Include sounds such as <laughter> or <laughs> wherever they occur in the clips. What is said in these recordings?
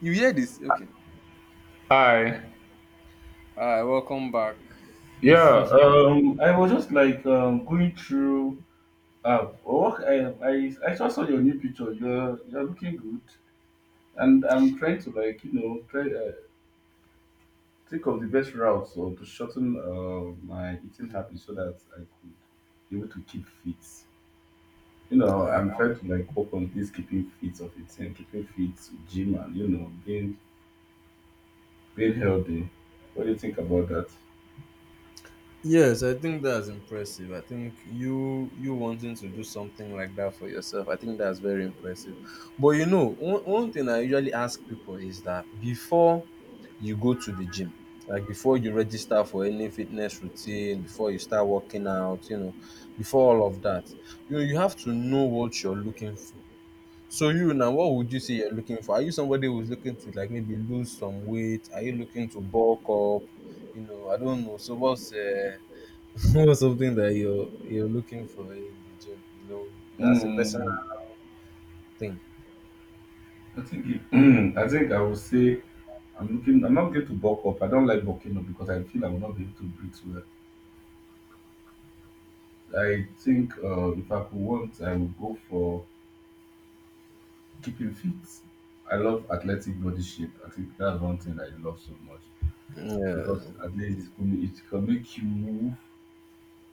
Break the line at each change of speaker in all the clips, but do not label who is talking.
You hear this? Okay.
Hi.
Hi, welcome back.
Yeah. I was just like going through Uh. what I just saw your new picture. You're looking good, and I'm trying to like try think of the best route so to shorten my eating habits so that I could be able to keep fit.
Uh,
I'm trying to like work on this keeping fit of it and keeping fit, gym, and being healthy. What do you think about that?
yes, I think that's impressive. I think you wanting to do something like that for yourself. I think that's very impressive. But you know, one thing I usually ask people is that before you go to the gym, like before you register for any fitness routine, before you start working out, you know, before all of that, you know, you have to know what you're looking for. So you now, what would you say you're looking for? Are you somebody who's looking to like maybe lose some weight? Are you looking to bulk up? You know, I don't know. So what's <laughs> what's something that you're looking for in the gym? You know, as a personal
Mm,
thing.
<clears throat> I think I would say I'm looking. I'm not going to bulk up. I don't like bulking up because I feel I will not be able to breathe well. I think if I could want, I would go for keeping fit. I love athletic body shape. I think that's one thing I love so much because
Yeah.
at least it can make you move,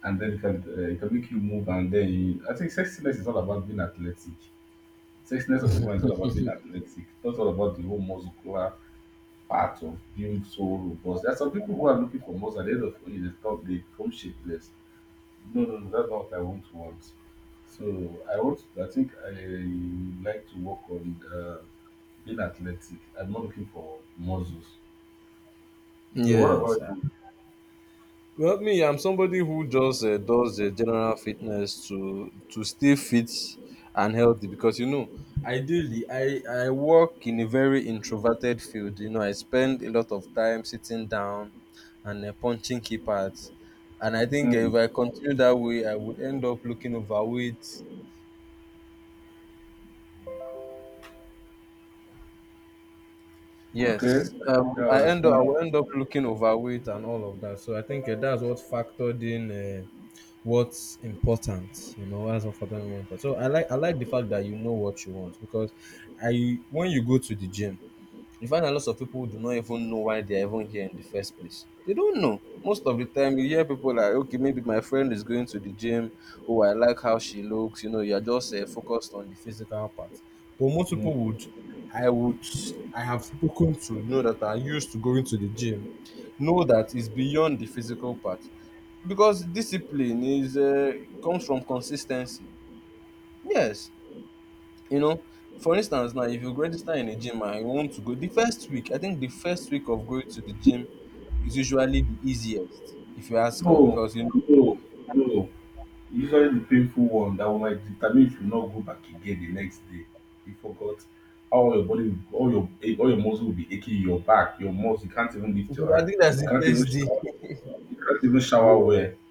and then it can make you move, I think sexiness is all about being athletic. Sexiness of a man is all about being athletic. It's not all about the whole muscular part of being so robust. There are some people who are looking for muscle. At the end of the day, they stop. They become shapeless. No, no, no, that's not what I want to want. So I want. I think I like to work on being athletic. I'm not looking for muscles. So what
Yes.
about you?
Well, me, I'm somebody who just does general fitness to stay fit and healthy because you know, ideally, I work in a very introverted field. You know, I spend a lot of time sitting down and punching keypads, and I think
Hmm.
if I continue that way, I would end up looking overweight.
Okay.
Yes,
Yeah, I
I
understand.
will end up looking overweight and all of that. So I think that's what factored in. What's important, you know, what's important. So I like the fact that you know what you want, because I when you go to the gym you find a lot of people who do not even know why they're even here in the first place. They don't know. Most of the time, you hear people like, okay, maybe my friend is going to the gym. Oh, I like how she looks. You know, you're just focused on the physical part. But
Hmm.
I would, I have spoken to, you know, that are used to going to the gym, know that it's beyond the physical part because discipline is comes from consistency. Yes, you know, for instance, now if you register in a gym and you want to go the first week, I think the first week of going to the gym is usually the easiest, if you ask me,
No,
because you know,
no, no. Usually the painful one that will like determine if you not go back again the next day. You forgot all your body, all your muscles will be aching. Your back, your muscles. You can't even lift
Because
your
I
hand.
think that's
You
the
can't even
first day.
shower. You can't even shower well.
Yes,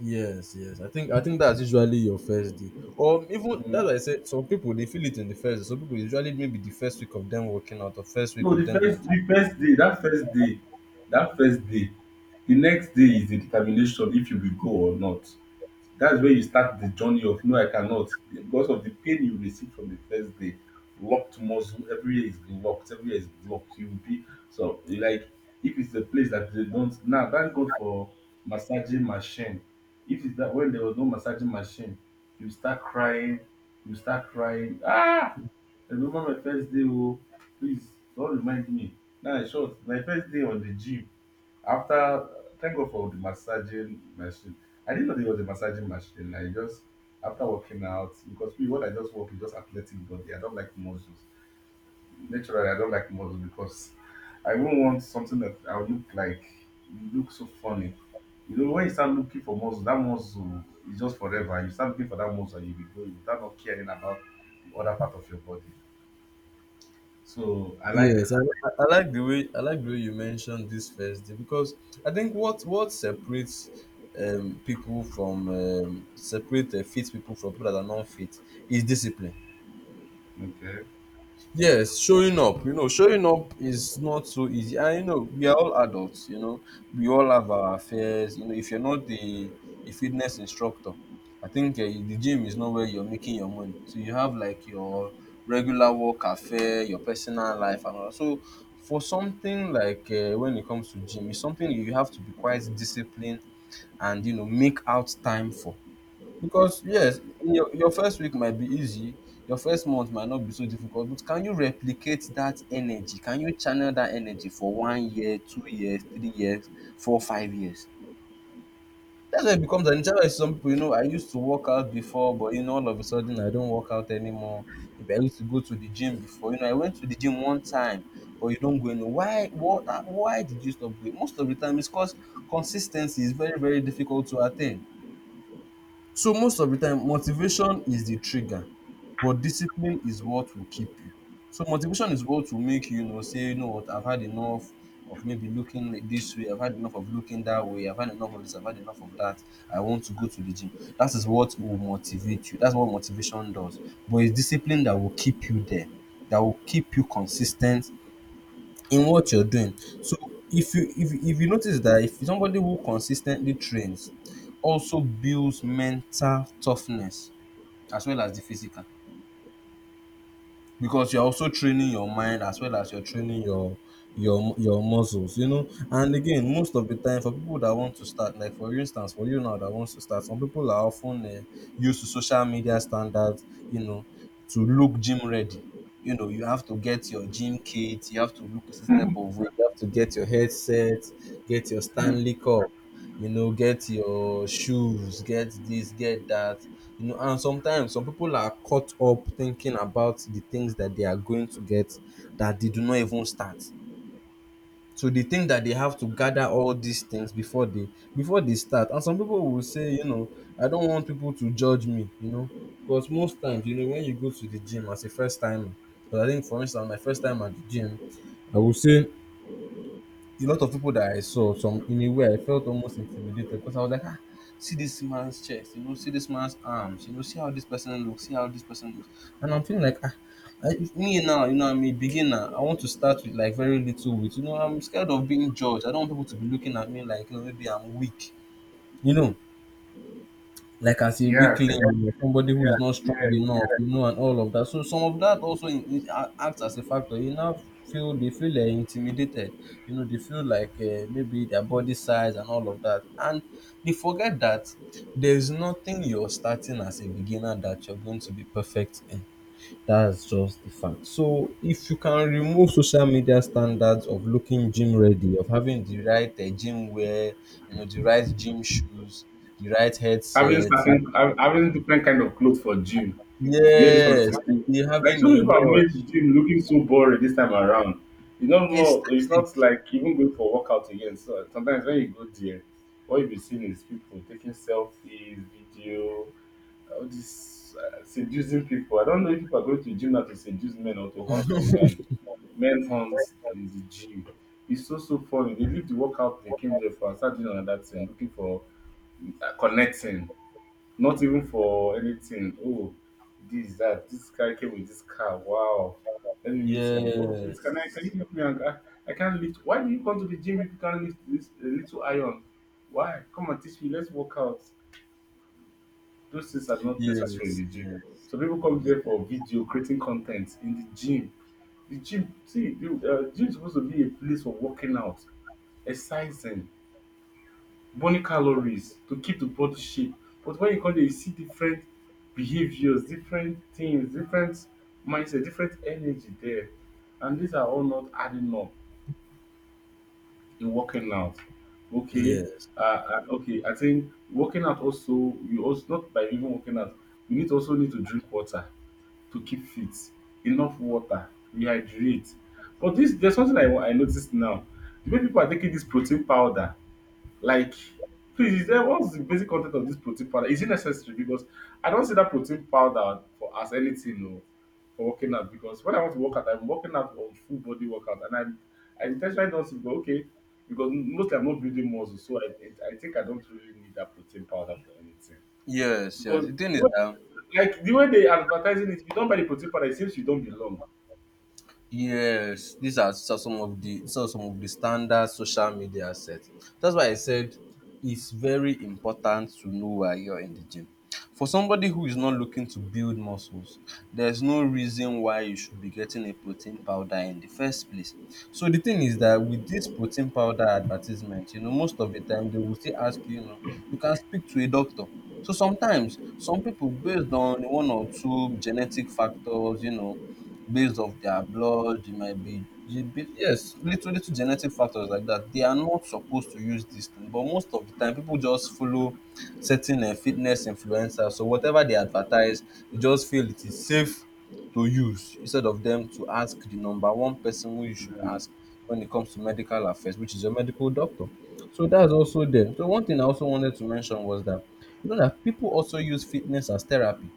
yes. I think that's usually your first day, or even that's
Mhm.
why I said some people they feel it in the first day. Some people usually maybe the first week of them working out, or first week
No,
of them going to.
the first day, that first day, that first day, the next day is the determination if you will go or not. That's where you start the journey of no, I cannot because of the pain you receive from the first day. Locked muscle, everywhere is locked, everywhere is blocked. You will be so like if it's a place that they don't now thank God for massaging machine. If it's that when there was no massaging machine, you start crying, you start crying. Ah, I remember my first day. Oh, please don't remind me. Now in short, my first day on the gym after thank God for the massaging machine. I didn't know there was a massaging machine. I just after working out because me what I just work is just athletic body, I don't like muscles. Naturally I don't like muscles because I won't want something that I will look so funny. When you start looking for muscle, that muscle is just forever. You start looking for that muscle and you be going without not caring about the other part of your body. So I like
Yes, I like the way, I like the way you mentioned this first day, because I think what separates people from separate fit people from people that are not fit is discipline.
okay. <laughs>
Yes, showing up, you know, showing up is not so easy. And you know, we are all adults, you know, we all have our affairs. You know, if you're not the fitness instructor, I think the gym is not where you're making your money. So you have like your regular work affair, your personal life, and all that. So for something like when it comes to gym, it's something you have to be quite disciplined and you know make out time for. Because yes, your first week might be easy, your first month might not be so difficult, but can you replicate that energy? Can you channel that energy for one year, 2 years, 3 years, four, 5 years? That's why it becomes an issue. Some people, you know, I used to work out before, but you know, all of a sudden I don't work out anymore. Maybe I used to go to the gym before. You know, I went to the gym one time, but you don't go anywhere. Why? What? Why did you stop going? Most of the time, it's because consistency is very, very difficult to attain. So most of the time, motivation is the trigger, but discipline is what will keep you. So motivation is what will make you, you know, say, you know what, I've had enough of maybe looking like this way, I've had enough of looking that way, I've had enough of this, I've had enough of that. I want to go to the gym. That is what will motivate you. That's what motivation does. But it's discipline that will keep you there, that will keep you consistent, in what you're doing. So if you notice that if somebody who consistently trains also builds mental toughness as well as the physical, because you're also training your mind as well as you're training your muscles, you know. And again, most of the time for people that want to start, like for instance for you now that wants to start, some people are often used to social media standards, you know, to look gym ready. You know, you have to get your gym kit, you have to look this type of way, you have to get your headset, get your
Hmm.
Stanley cup, you know, get your shoes, get this, get that, you know. And sometimes some people are caught up thinking about the things that they are going to get that they do not even start. So they think that they have to gather all these things before they start. And some people will say, you know, I don't want people to judge me, you know, because most times, you know, when you go to the gym as a first timer, because I think for instance, my first time at the gym, I will say a lot of people that I saw, some in a way I felt almost intimidated because I was like, ah, see this man's chest, you know, see this man's arms, you know, see how this person looks, see how this person looks. And I'm feeling like ah, if me now, you know, I'm a beginner. I want to start with like very little with, you know, I'm scared of being judged. I don't want people to be looking at me like, you know, maybe I'm weak. You know, like as a
Yeah,
weakling
okay.
or somebody who
Yeah,
is not strong
yeah.
enough, you know, and all of that. So some of that also acts as a factor. You now feel, they feel intimidated. You know, they feel like maybe their body size and all of that, and they forget that there's nothing you're starting as a beginner that you're going to be perfect in. That's just the fact. So if you can remove social media standards of looking gym ready, of having the right gym wear, you know, the right gym shoes, the right
having
headset,
certain hav- having different kind of clothes for gym. If you wear this one to
Yes,
gym,
maybe
like
having
some
a
people have made
watch.
gym looking so boring this time around. It's not more. It's
Aesthetic.
not like even going for workout again. So sometimes when you go there, what you'll be seeing is people taking selfies, video, all this seducing people. I don't know if people are going to gym now to seduce men or to hunt for men. Men hunt in the gym. It's so so funny. They leave the workout they came there for and start doing another thing, looking for connecting, not even for anything. Oh, this guy came with this car. Wow, let me meet him. Oh, please can you
Yes.
help me? I can't lift. Why do you come to the gym if you can't lift this a little iron? Why? Come and teach me. Let's work out. Those things are not necessary in
Yes.
the gym.
Yes.
So people come there for video creating content in the gym. The gym, see, the gym is supposed to be a place for working out, exercising, burning calories to keep the body shape. But when you come there, you see different behaviors, different things, different mindset, different energy there. And these are all not adding up in working out. Okay.
Yes.
Okay, I think working out also, you also not by even working out, you need also need to drink water. To keep fit, enough water, rehydrate. But this there's something I noticed now. The way people are taking this protein powder, like please, is there what's the basic content of this protein powder? Is it necessary? Because I don't see that protein powder for as anything no, for working out. Because when I want to work out, I'm working out on full body workout, and I intentionally don't see but okay. Because mostly I'm not building muscle, so I think I don't really need that protein powder for anything.
Yes. Yes.
Because
The thing is that
like the way they advertising it, if you don't buy the protein powder, it seems you don't belong.
Yes, these are some of the, these are some of the standard social media sets. That's why I said it's very important to know why you're in the gym. For somebody who is not looking to build muscles, there's no reason why you should be getting a protein powder in the first place. So the thing is that with this protein powder advertisement, you know, most of the time they will still ask you, you know, you can speak to a doctor. So sometimes some people based on one or two genetic factors, you know, based off their blood, it might be it be yes, little genetic factors like that. They are not supposed to use this thing, but most of the time people just follow certain fitness influencers. So whatever they advertise, they just feel it is safe to use instead of them to ask the number one person who you should ask when it comes to medical affairs, which is your medical doctor. So that's also there. So one thing I also wanted to mention was that you know that people also use fitness as therapy.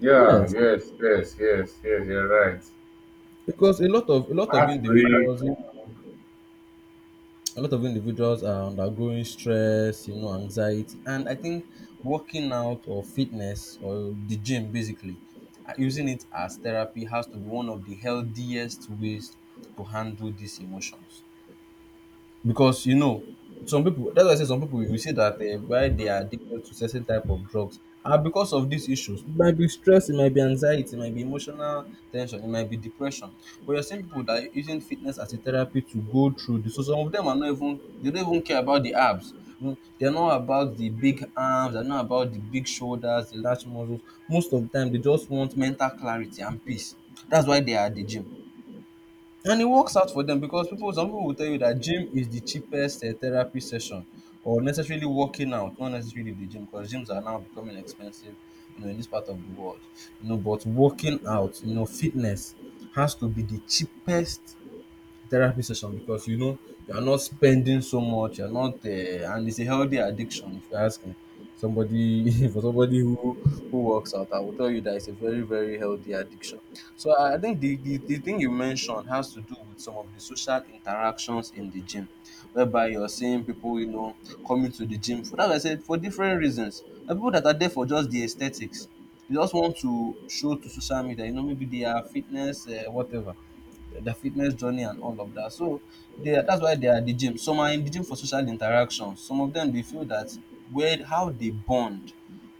Yeah,
Yes,
yes, yes, yes, yes, you're right.
because a lot of a lot of
Heartbreak.
individuals a lot of individuals are undergoing stress, you know, anxiety, and I think working out or fitness or the gym basically using it as therapy has to be one of the healthiest ways to handle these emotions. Because you know, some people, that's why I say some people, you see that why they are addicted to certain type of drugs are because of these issues. It might be stress, it might be anxiety, it might be emotional tension, it might be depression, but you're seeing people that are using fitness as a therapy to go through this. So some of them are not even, they don't even care about the abs, you know, they're not about the big arms, they're not about the big shoulders, the large muscles. Most of the time they just want mental clarity and peace. That's why they are at the gym, and it works out for them. Because people, some people will tell you that gym is the cheapest therapy session, or necessarily working out, not necessarily the gym, because gyms are now becoming expensive, you know, in this part of the world. You know, but working out, you know, fitness has to be the cheapest therapy session, because you know, you are not spending so much. You're not, and it's a healthy addiction if you ask me. Somebody <laughs> for somebody who works out, I will tell you that it's a very very healthy addiction. So I think the thing you mentioned has to do with some of the social interactions in the gym, whereby you're seeing people, you know, coming to the gym for that. I said for different reasons. There are people that are there for just the aesthetics. They just want to show to social media, you know, maybe they are fitness, whatever, their fitness journey and all of that. So they are, that's why they are at the gym. Some are in the gym for social interaction. Some of them they feel that where how they bond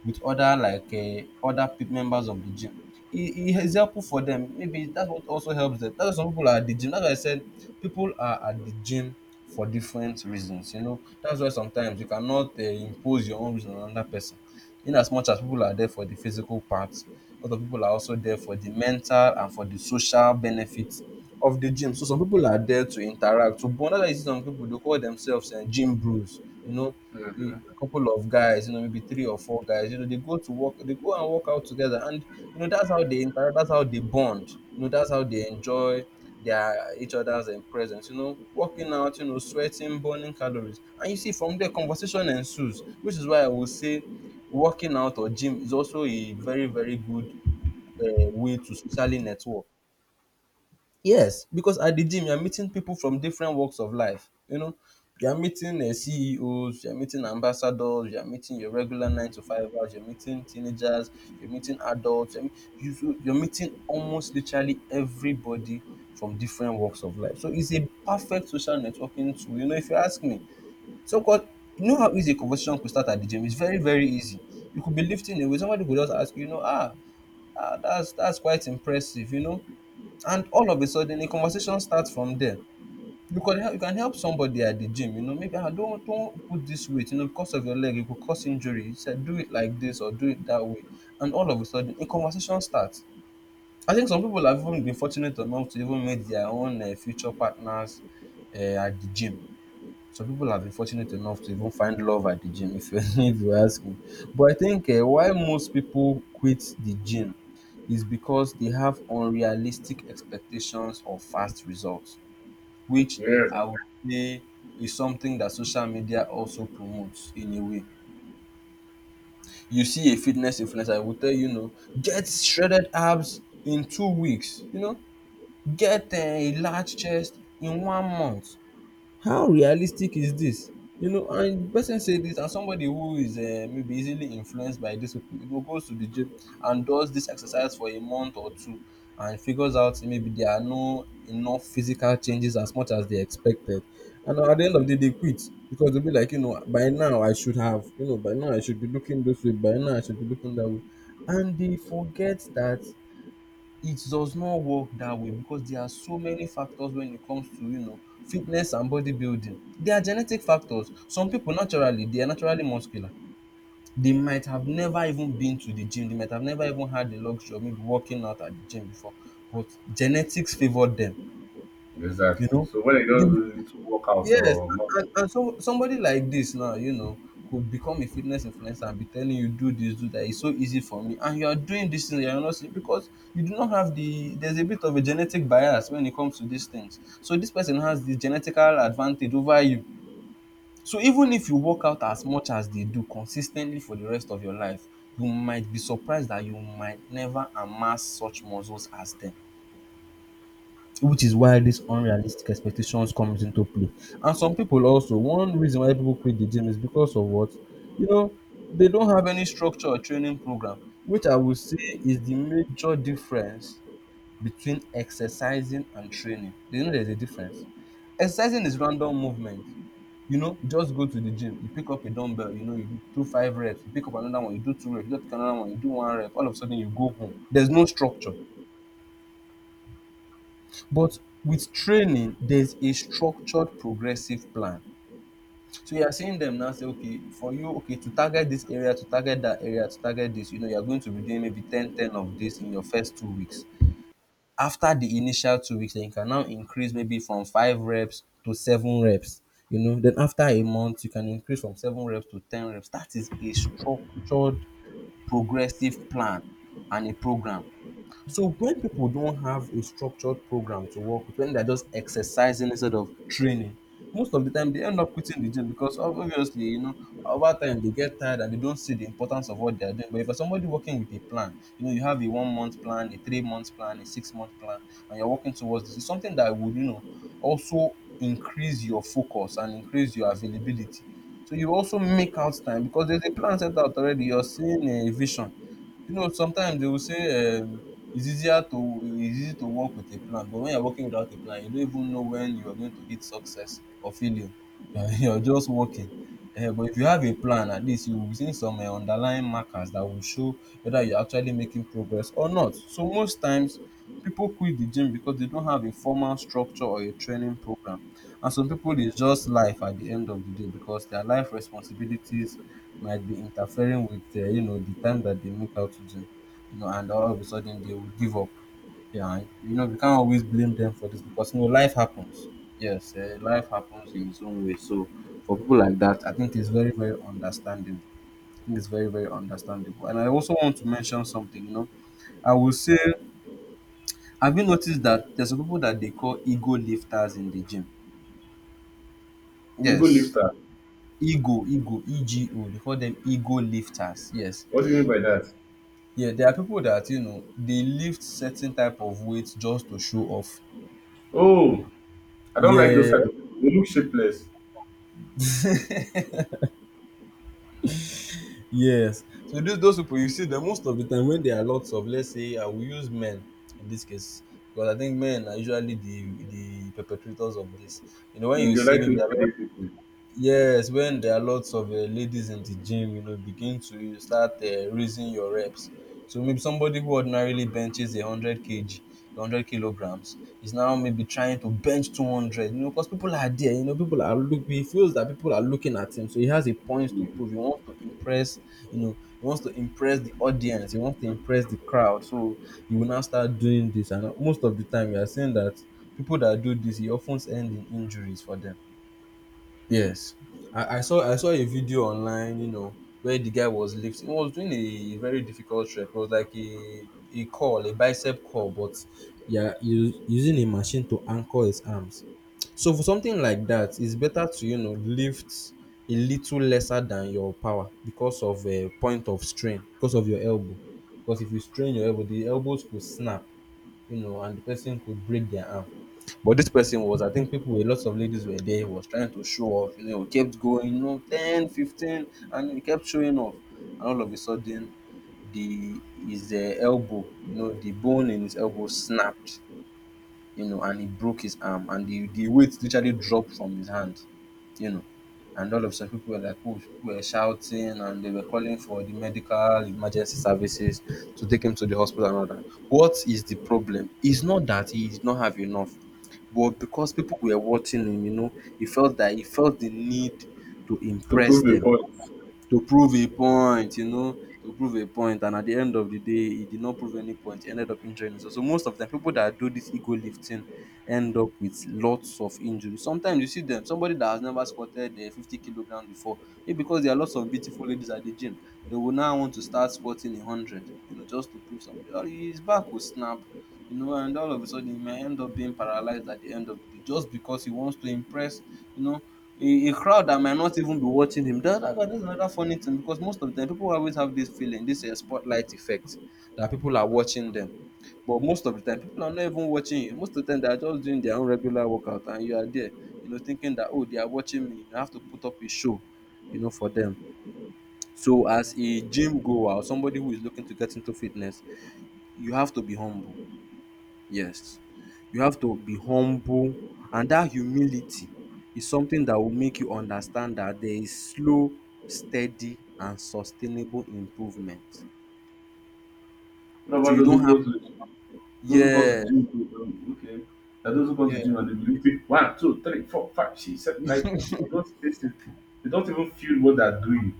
with other, like other members of the gym. It's helpful for them. Maybe that's what also helps them. That's why some people are at the gym. That's why I said people are at the gym for different reasons. You know, that's why sometimes you cannot impose your own reason on another person. In as much as people are there for the physical part, other people are also there for the mental and for the social benefits of the gym. So some people are there to interact, to bond. That's why you see some people they call themselves gym bros. You know,
Mm.
a couple of guys, you know, maybe three or four guys, you know, they go to work, they go and work out together, and you know that's how they interact, that's how they bond, you know, that's how they enjoy their each other's presence, you know, working out, you know, sweating, burning calories, and you see from there conversation ensues, which is why I would say working out or gym is also a very very good way to socially network. Yes, because at the gym, you're meeting people from different walks of life. You know, you're meeting CEOs, you're meeting ambassadors, you're meeting your regular nine to fivers, you're meeting teenagers, you're meeting adults, you're, you, so you're meeting almost literally everybody from different walks of life. So it's a perfect social networking tool. You know, if you ask me, so called, you know how easy a conversation could start at the gym? It's very, very easy. You could be lifting away, somebody could just ask you, you know, ah, ah, that's quite impressive, you know. And all of a sudden, a conversation starts from there. You can help somebody at the gym, you know, maybe I don't put this weight, you know, because of your leg, it could cause injury. You said do it like this or do it that way. And all of a sudden, a conversation starts. I think some people have even been fortunate enough to even meet their own future partners at the gym. Some people have been fortunate enough to even find love at the gym, if you <laughs> if you ask me. But I think why most people quit the gym is because they have unrealistic expectations of fast results, which
Yes,
I would say is something that social media also promotes in a way. You see a fitness influencer will tell you, you know, get shredded abs in 2 weeks, you know, get a large chest in 1 month. How realistic is this? You know, and the person say this, and somebody who is maybe easily influenced by this people, you know, goes to the gym and does this exercise for a month or two, and figures out maybe there are no enough physical changes as much as they expected. And at the end of the day, they quit, because they'll be like, you know, by now I should have, you know, by now I should be looking this way, by now I should be looking that way. And they forget that it does not work that way, because there are so many factors when it comes to, you know, fitness and bodybuilding. There are genetic factors. Some people naturally, they are naturally muscular. They might have never even been to the gym. They might have never even had the luxury of maybe working out at the gym before. But genetics favored them, you
exactly.
know.
So when they
They
just do little workout
Yes,
or not,
and so somebody like this now, you know, could become a fitness influencer and be telling you do this, do that. It's so easy for me, and you are doing this thing, you are not seeing, because you do not have the. There's a bit of a genetic bias when it comes to these things. So this person has the genetical advantage over you. So even if you work out as much as they do consistently for the rest of your life, you might be surprised that you might never amass such muscles as them, which is why these unrealistic expectations comes into play. And some people also, one reason why people quit the gym is because of what? You know, they don't have any structure or training program, which I would say is the major difference between exercising and training. Do you know there's a difference? Exercising is random movement. You know, you just go to the gym, you pick up a dumbbell, you know, you do two five reps, you pick up another one, you do two reps, you just pick another one, you do one rep, all of a sudden you go home. There's no structure. But with training, there's a structured progressive plan. So you are seeing them now say, okay, for you, okay, to target this area, to target that area, to target this, you know, you're going to be doing maybe 10, 10 of this in your first 2 weeks. After the initial 2 weeks, then you can now increase maybe from five reps to seven reps. You know, then after a month, you can increase from seven reps to 10 reps. That is a structured progressive plan and a program. So when people don't have a structured program to work with, when they're just exercising instead of training, most of the time they end up quitting the gym because obviously, you know, over time they get tired and they don't see the importance of what they're doing. But if you're somebody working with a plan, you know, you have a 1 month plan, a 3 month plan, a 6 month plan, and you're working towards this, it's something that would, you know, also increase your focus and increase your availability. So you also make out time because there's a plan set out already. You're seeing a vision. You know, sometimes they will say it's easy to work with a plan, but when you're working without a plan, you don't even know when you're going to hit success or failure. <laughs> You're just working. Eh, but if you have a plan, at least you will be seeing some underlying markers that will show whether you're actually making progress or not. So most times, people quit the gym because they don't have a formal structure or a training program. And some people, it's just life at the end of the day, because their life responsibilities might be interfering with you know the time that they make out to him, you know, and all of a sudden they will give up. Yeah, and, you know, we can't always blame them for this, because you know life happens. Yes, life happens in its own way. So for people like that, I think it's very very understandable. I think it's very very understandable. And I also want to mention something. You know, I will say, have you noticed that there's some people that they call ego lifters in the gym?
ego
Yes.
lifter,
Ego, ego, ego. They call them ego lifters. Yes.
what do you mean by that?
Yeah, there are people that you know they lift certain type of weight just to show off.
Oh, I don't like those
Yeah,
type of people. They look shapeless.
yes. So those people you see them most of the time when there are lots of, let's say I will use men in this case because I think men are usually the perpetrators of this. You know when you
Mm, they
see
like to
maybe
intimidate people
Yes, when there are lots of ladies in the gym, you know, begin to start raising your reps. So maybe somebody who ordinarily benches 100 kg, 100 kilograms, is now maybe trying to bench 200. You know, because people are there. You know, people are look. He feels that people are looking at him, so he has a point to prove. He wants to impress. You know, he wants to impress the audience. He wants to impress the crowd. So he will now start doing this, and most of the time, you are seeing that people that do this, he often end in injuries for them. Yes, I saw a video online, you know, where the guy was lifting. He was doing a very difficult trek. It was like a call, a bicep call, but yeah, you using a machine to anchor his arms. So for something like that, it's better to, you know, lift a little lesser than your power because of a point of strain, because of your elbow. Because if you strain your elbow, the elbows could snap, you know, and the person could break their arm. But this person was, I think people, a lot of ladies were there. He was trying to show off, you know, kept going, you know, 10, 15, and he kept showing off. And all of a sudden, the his elbow, you know, the bone in his elbow snapped, you know, and he broke his arm, and the weight literally dropped from his hand, you know. And all of a sudden, people were like, oh, people were shouting, and they were calling for the medical emergency services to take him to the hospital and all that. What is the problem? It's not that he did not have enough, but because people were watching him, you know, he felt the need to
to
impress
prove a
them,
point.
to prove a point, you know, to prove a point. And at the end of the day, he did not prove any point. He ended up injuring himself. So most of the people that do this ego lifting end up with lots of injuries. Sometimes you see them, somebody that has never squatted 50 kilograms before, maybe because there are lots of beautiful ladies at the gym, they will now want to start squatting 100, you know, just to prove something. Or his back will snap, you know, and all of a sudden he may end up being paralyzed at the end of the day just because he wants to impress, you know, a crowd that might not even be watching him. That's another funny thing because most of the time people always have this feeling, this spotlight effect that people are watching them. But most of the time people are not even watching you. Most of the time they are just doing their own regular workout and you are there, you know, thinking that, oh, they are watching me. You have to put up a show, you know, for them. So as a gym goer or somebody who is looking to get into fitness, you have to be humble. Yes, you have to be humble, and that humility is something that will make you understand that there is slow, steady and sustainable improvement.
What
So
about
you
those
don't
who
have
go to
to,
Those who go to the
yes,
gym, okay. That those who go to the
yes.
gym and they believe it one, two, three, four, five, six, seven. Like those spaces, they don't even feel what they're doing.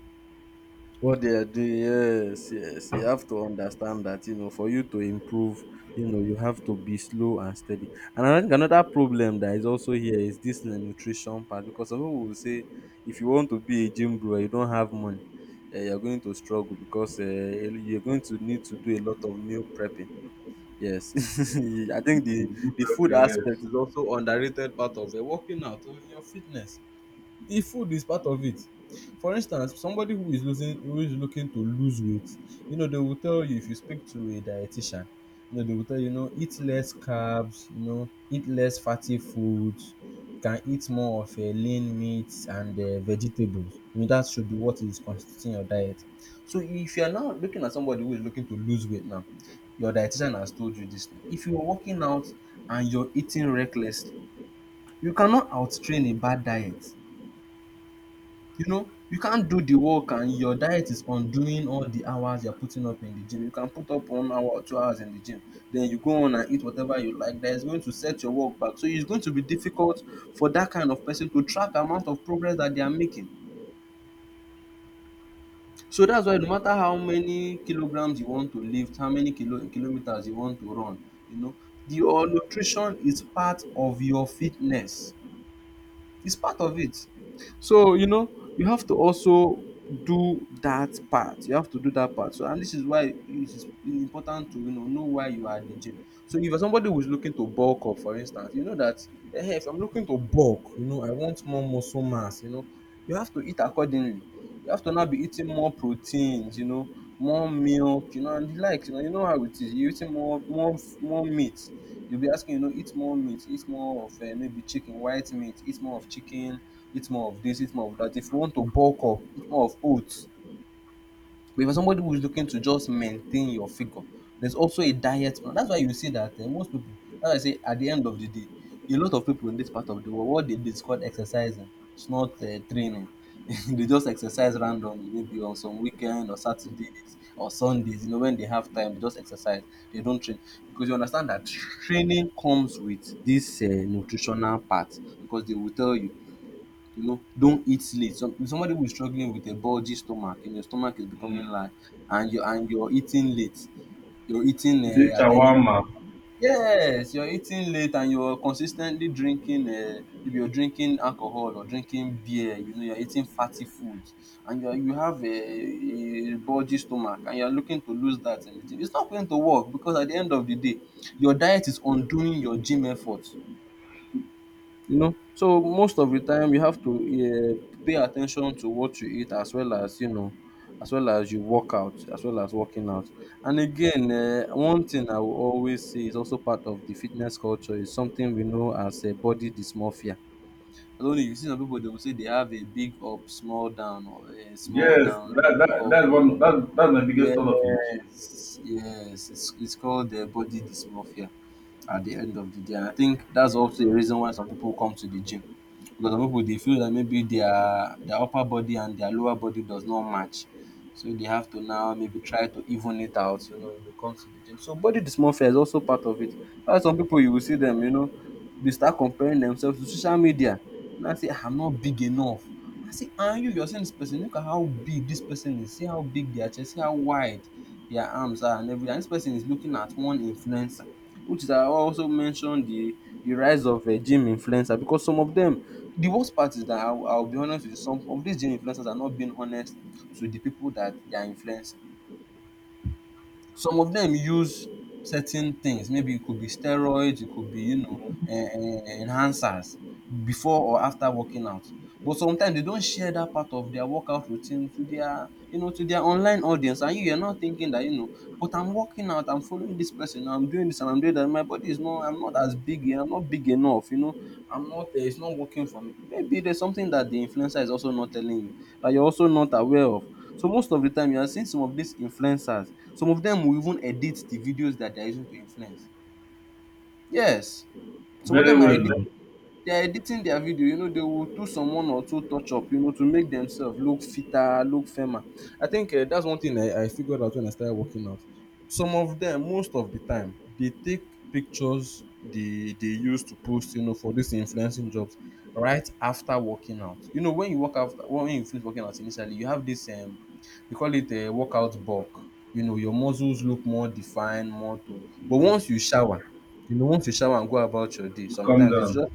What they are doing, yes, yes, you have to understand that, you know, for you to improve, you know, you have to be slow and steady. And I think another problem that is also here is this nutrition part, because some people will say, if you want to be a gym bro and you don't have money, you're going to struggle because you're going to need to do a lot of meal prepping. Yes. <laughs> I think the
Mm,
the
good people.
food aspect is
Yes.
also underrated part of the working out, I mean, your fitness. The food is part of it. For instance, somebody who is losing who is looking to lose weight, you know, they will tell you, if you speak to a dietitian, you know, they will tell you, you know, eat less carbs, you know, eat less fatty foods, can eat more of a lean meat and vegetables. You know, that should be what is constituting your diet. So if you are now looking at somebody who is looking to lose weight now, your dietitian has told you this thing. If you are working out and you're eating recklessly, you cannot out train a bad diet. You know, you can't do the work and your diet is undoing all the hours you're putting up in the gym. You can put up 1 hour or 2 hours in the gym, then you go on and eat whatever you like. That is going to set your work back. So it's going to be difficult for that kind of person to track the amount of progress that they are making. So that's why, no matter how many kilograms you want to lift, how many kilometers you want to run, you know, the your nutrition is part of your fitness. It's part of it. So, you know, you have to also do that part. You have to do that part. So, and this is why it is important to, you know why you are at the gym. So, if you're somebody who is looking to bulk up, for instance, you know that, hey, if I'm looking to bulk, you know, I want more muscle mass, you know, you have to eat accordingly. You have to now be eating more proteins, you know, more milk, you know, and the like. You know how it is. You're eating more, more, more meat. You'll be asking, you know, eat more meat, eat more of maybe chicken, white meat, eat more of chicken, eat more of this, eat more of that. If you want to bulk up, eat more of oats. But if you're somebody who is looking to just maintain your figure, there's also a diet plan. That's why you see that most people, that's why I say at the end of the day, a lot of people in this part of the world, what they do is called exercising. It's not training. <laughs> They just exercise randomly, maybe on some weekend or Saturdays or Sundays, you know, when they have time, they just exercise. They don't train. Because you understand that training comes with this nutritional part. Because they will tell you, you know, don't eat late. So somebody who is struggling with a bulgy stomach and your stomach is becoming
mm,
large, and you're eating late, you're eating
it's a
at any,
shawarma.
yes, you're eating late and you're consistently drinking, if you're drinking alcohol or drinking beer, you know, you're eating fatty foods, and you have a bulgy stomach and you're looking to lose that. And it's not going to work because at the end of the day, your diet is undoing your gym effort. You know, so most of the time you have to, um, pay attention to what you eat as well as, you know, as well as you work out, as well as working out. And again, um, one thing I will always say is also part of the fitness culture is something we know as, um, body dysmorphia. I don't know, you see some people, they will say they have a big up small down, or, um, small
Yes,
down big up.
that's one. That's my biggest turn off in gym.
Yes, yes, it's called, um, body dysmorphia at the end of the day. And I think that's also a reason why some people come to the gym. Because some pipu dey feel that maybe their upper body and their lower body does not match. So they have to now maybe try to even it out, you know, when it comes to the gym. So body dysmorphia is also part of it. Why some people, you will see them, you know, they start comparing themselves to social media. And I say, "Ah, I'm not big enough." I say, "And you, you're seeing this person, look at how big this person is. See how big their chest, see how wide their arms are and everything. And this person is looking at one influencer." Which is, I also mentioned the rise of a gym influencer, because some of them, the worst part is that I will be honest with you, some of these gym influencers are not being honest to the people that they are influencing. Some of them use certain things, maybe it could be steroids, it could be, you know, um, enhancers before or after working out. But sometimes they don't share that part of their workout routine to their, you know, to their online audience, and you're not thinking that, you know, but I'm working out, I'm following this person, I'm doing this and I'm doing that. My body is not I'm not as big, I'm not big enough, you know. I'm not it's not working for me. Maybe there's something that the influencer is also not telling you that you're also not aware of. So most of the time you are seeing some of these influencers, some of them will even edit the videos that they're using to influence. Yes. Some of
Very
them are
well,
edit
though.
They are editing their video, they will do some one or two touch up, to make themselves look fitter, look firmer. I think that's one thing I figured out when I started working out. Some of them, most of the time, they take pictures they use to post, for these influencing jobs right after working out. When you work after when you finish working out initially, you have this they call it a workout bulk. Your muscles look more defined, more toned. But once you shower and go about your day,
You calm
sometimes it's
down.
just,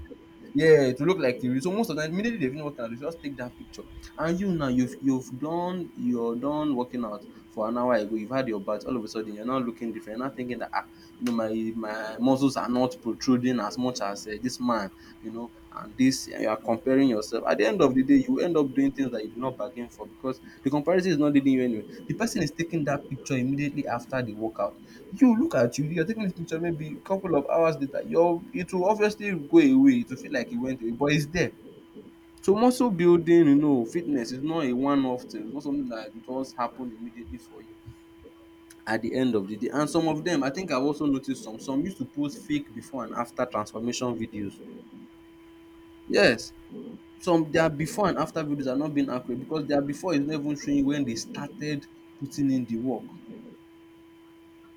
yeah, to look like the real. So most of the time, immediately they finish working out, they just take that picture. And you now, you're done working out for an hour ago. You've had your bath. All of a sudden, you're not looking different. You're not thinking that you know, my my muscles are not protruding as much as this man. And you are comparing yourself. At the end of the day, you end up doing things that you did not bargain for because the comparison is not leading you anywhere. The person is taking that picture immediately after the workout. You look at you're taking this picture maybe a couple of hours later, your it will obviously go away, it will feel like it went away, but it's there. So muscle building, fitness is not a one-off thing. It's not something that just happened immediately for you at the end of the day. And some of them, I think I've also noticed some used to post fake before and after transformation videos. Yes, some Their before and after videos are not being accurate because their before is not even showing when they started putting in the work.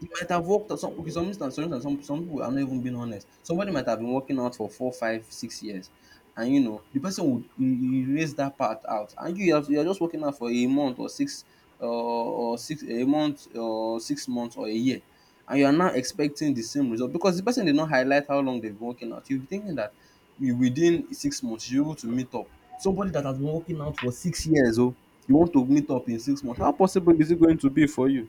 You might have worked at some okay, some instance some instance some people, I'm not even being honest. Somebody might have been working out for 4, 5, 6 years, and you know the person would erase that part out, and you're just working out for a month or 6 months or a year, and you are now expecting the same result because the person did not highlight how long they've been working out. You'll be thinking that you within 6 months you're able to meet up. Somebody that has been working out for 6 years? Oh, you want to meet up in 6 months? How possible is it going to be for you?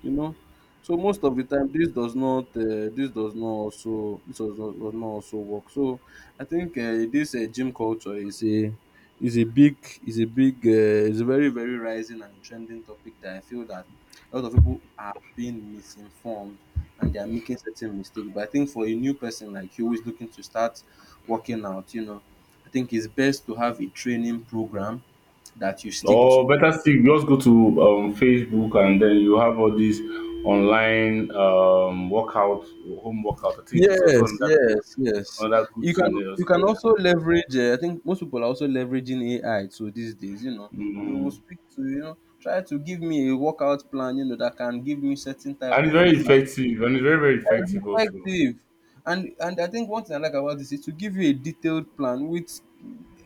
You know So most of the time this does not also work. So I think this gym culture is a big is a very very rising and trending topic that I feel that a lot of people are being misinformed and they are making certain mistakes, but I think for a new person like you who is looking to start working out, I think it's best to have a training program that you stick to.
Or better still, just go to Facebook and then you have all these online workout, home workout. I think it's also
Yes,
another,
yes, yes.
good
You
thing
can
there.
you can
So,
also leverage. I think most people are also leveraging AI. So these days, they will
mm.
speak to, try to give me a workout plan. That can give me certain type
And it's
of
very
physique.
effective, and it's very, very
It's
effective also.
effective, and I think one thing I like about this is to give you a detailed plan with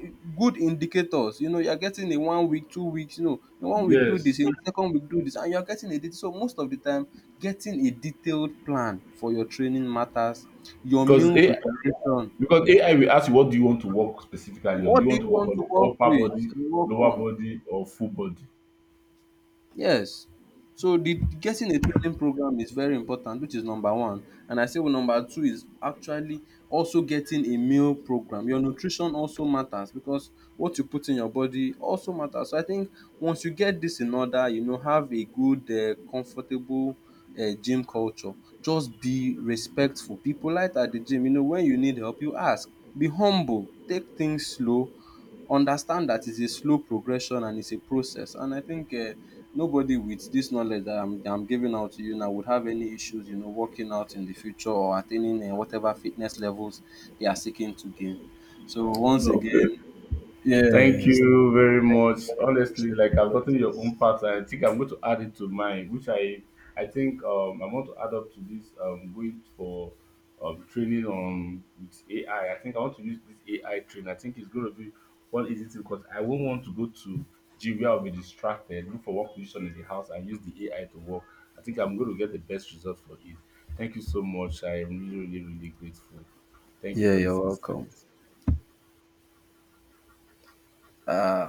eh, good indicators. You're getting a one week, 2 weeks, in one week do this, in
Yes,
the second week do this, and you're getting a det so most of the time getting a detailed plan for your training matters. Your meal
because AI,
preparation.
because AI will ask you what do you want to work specifically on.
What
Do you
do
want to
you
work
want
on
to
the
work
upper
with
body,
and work
lower
on?
body, or full body?
Yes. So the getting a training program is very important, which is number one. And I say, well, number two is actually also getting a meal program. Your nutrition also matters because what you put in your body also matters. So I think once you get this in order, have a good, comfortable gym culture. Just be respectful. Be polite at the gym, when you need help, you ask. Be humble. Take things slow. Understand that it's a slow progression and it's a process. And I think nobody with this knowledge that I'm giving out to you now would have any issues, working out in the future or attaining whatever fitness levels they are seeking to gain. So once
No,
again,
thank
yes, thank
you
you
very much.
very much for
Honestly,
your
like I've
knowledge.
gotten your own part, and I think I'm going to add it to mine, which I want to add up to this going for training on with AI. I think I want to use this AI train. I think it's going to be one easy thing because I won't want to go to gym where I'll be distracted, look for one position in the house, and use the AI to work. I think I'm going to get the best result for it. Thank you so much. I am really, really, really grateful. Thank you
Yeah,
for
you're
this
welcome. Uh,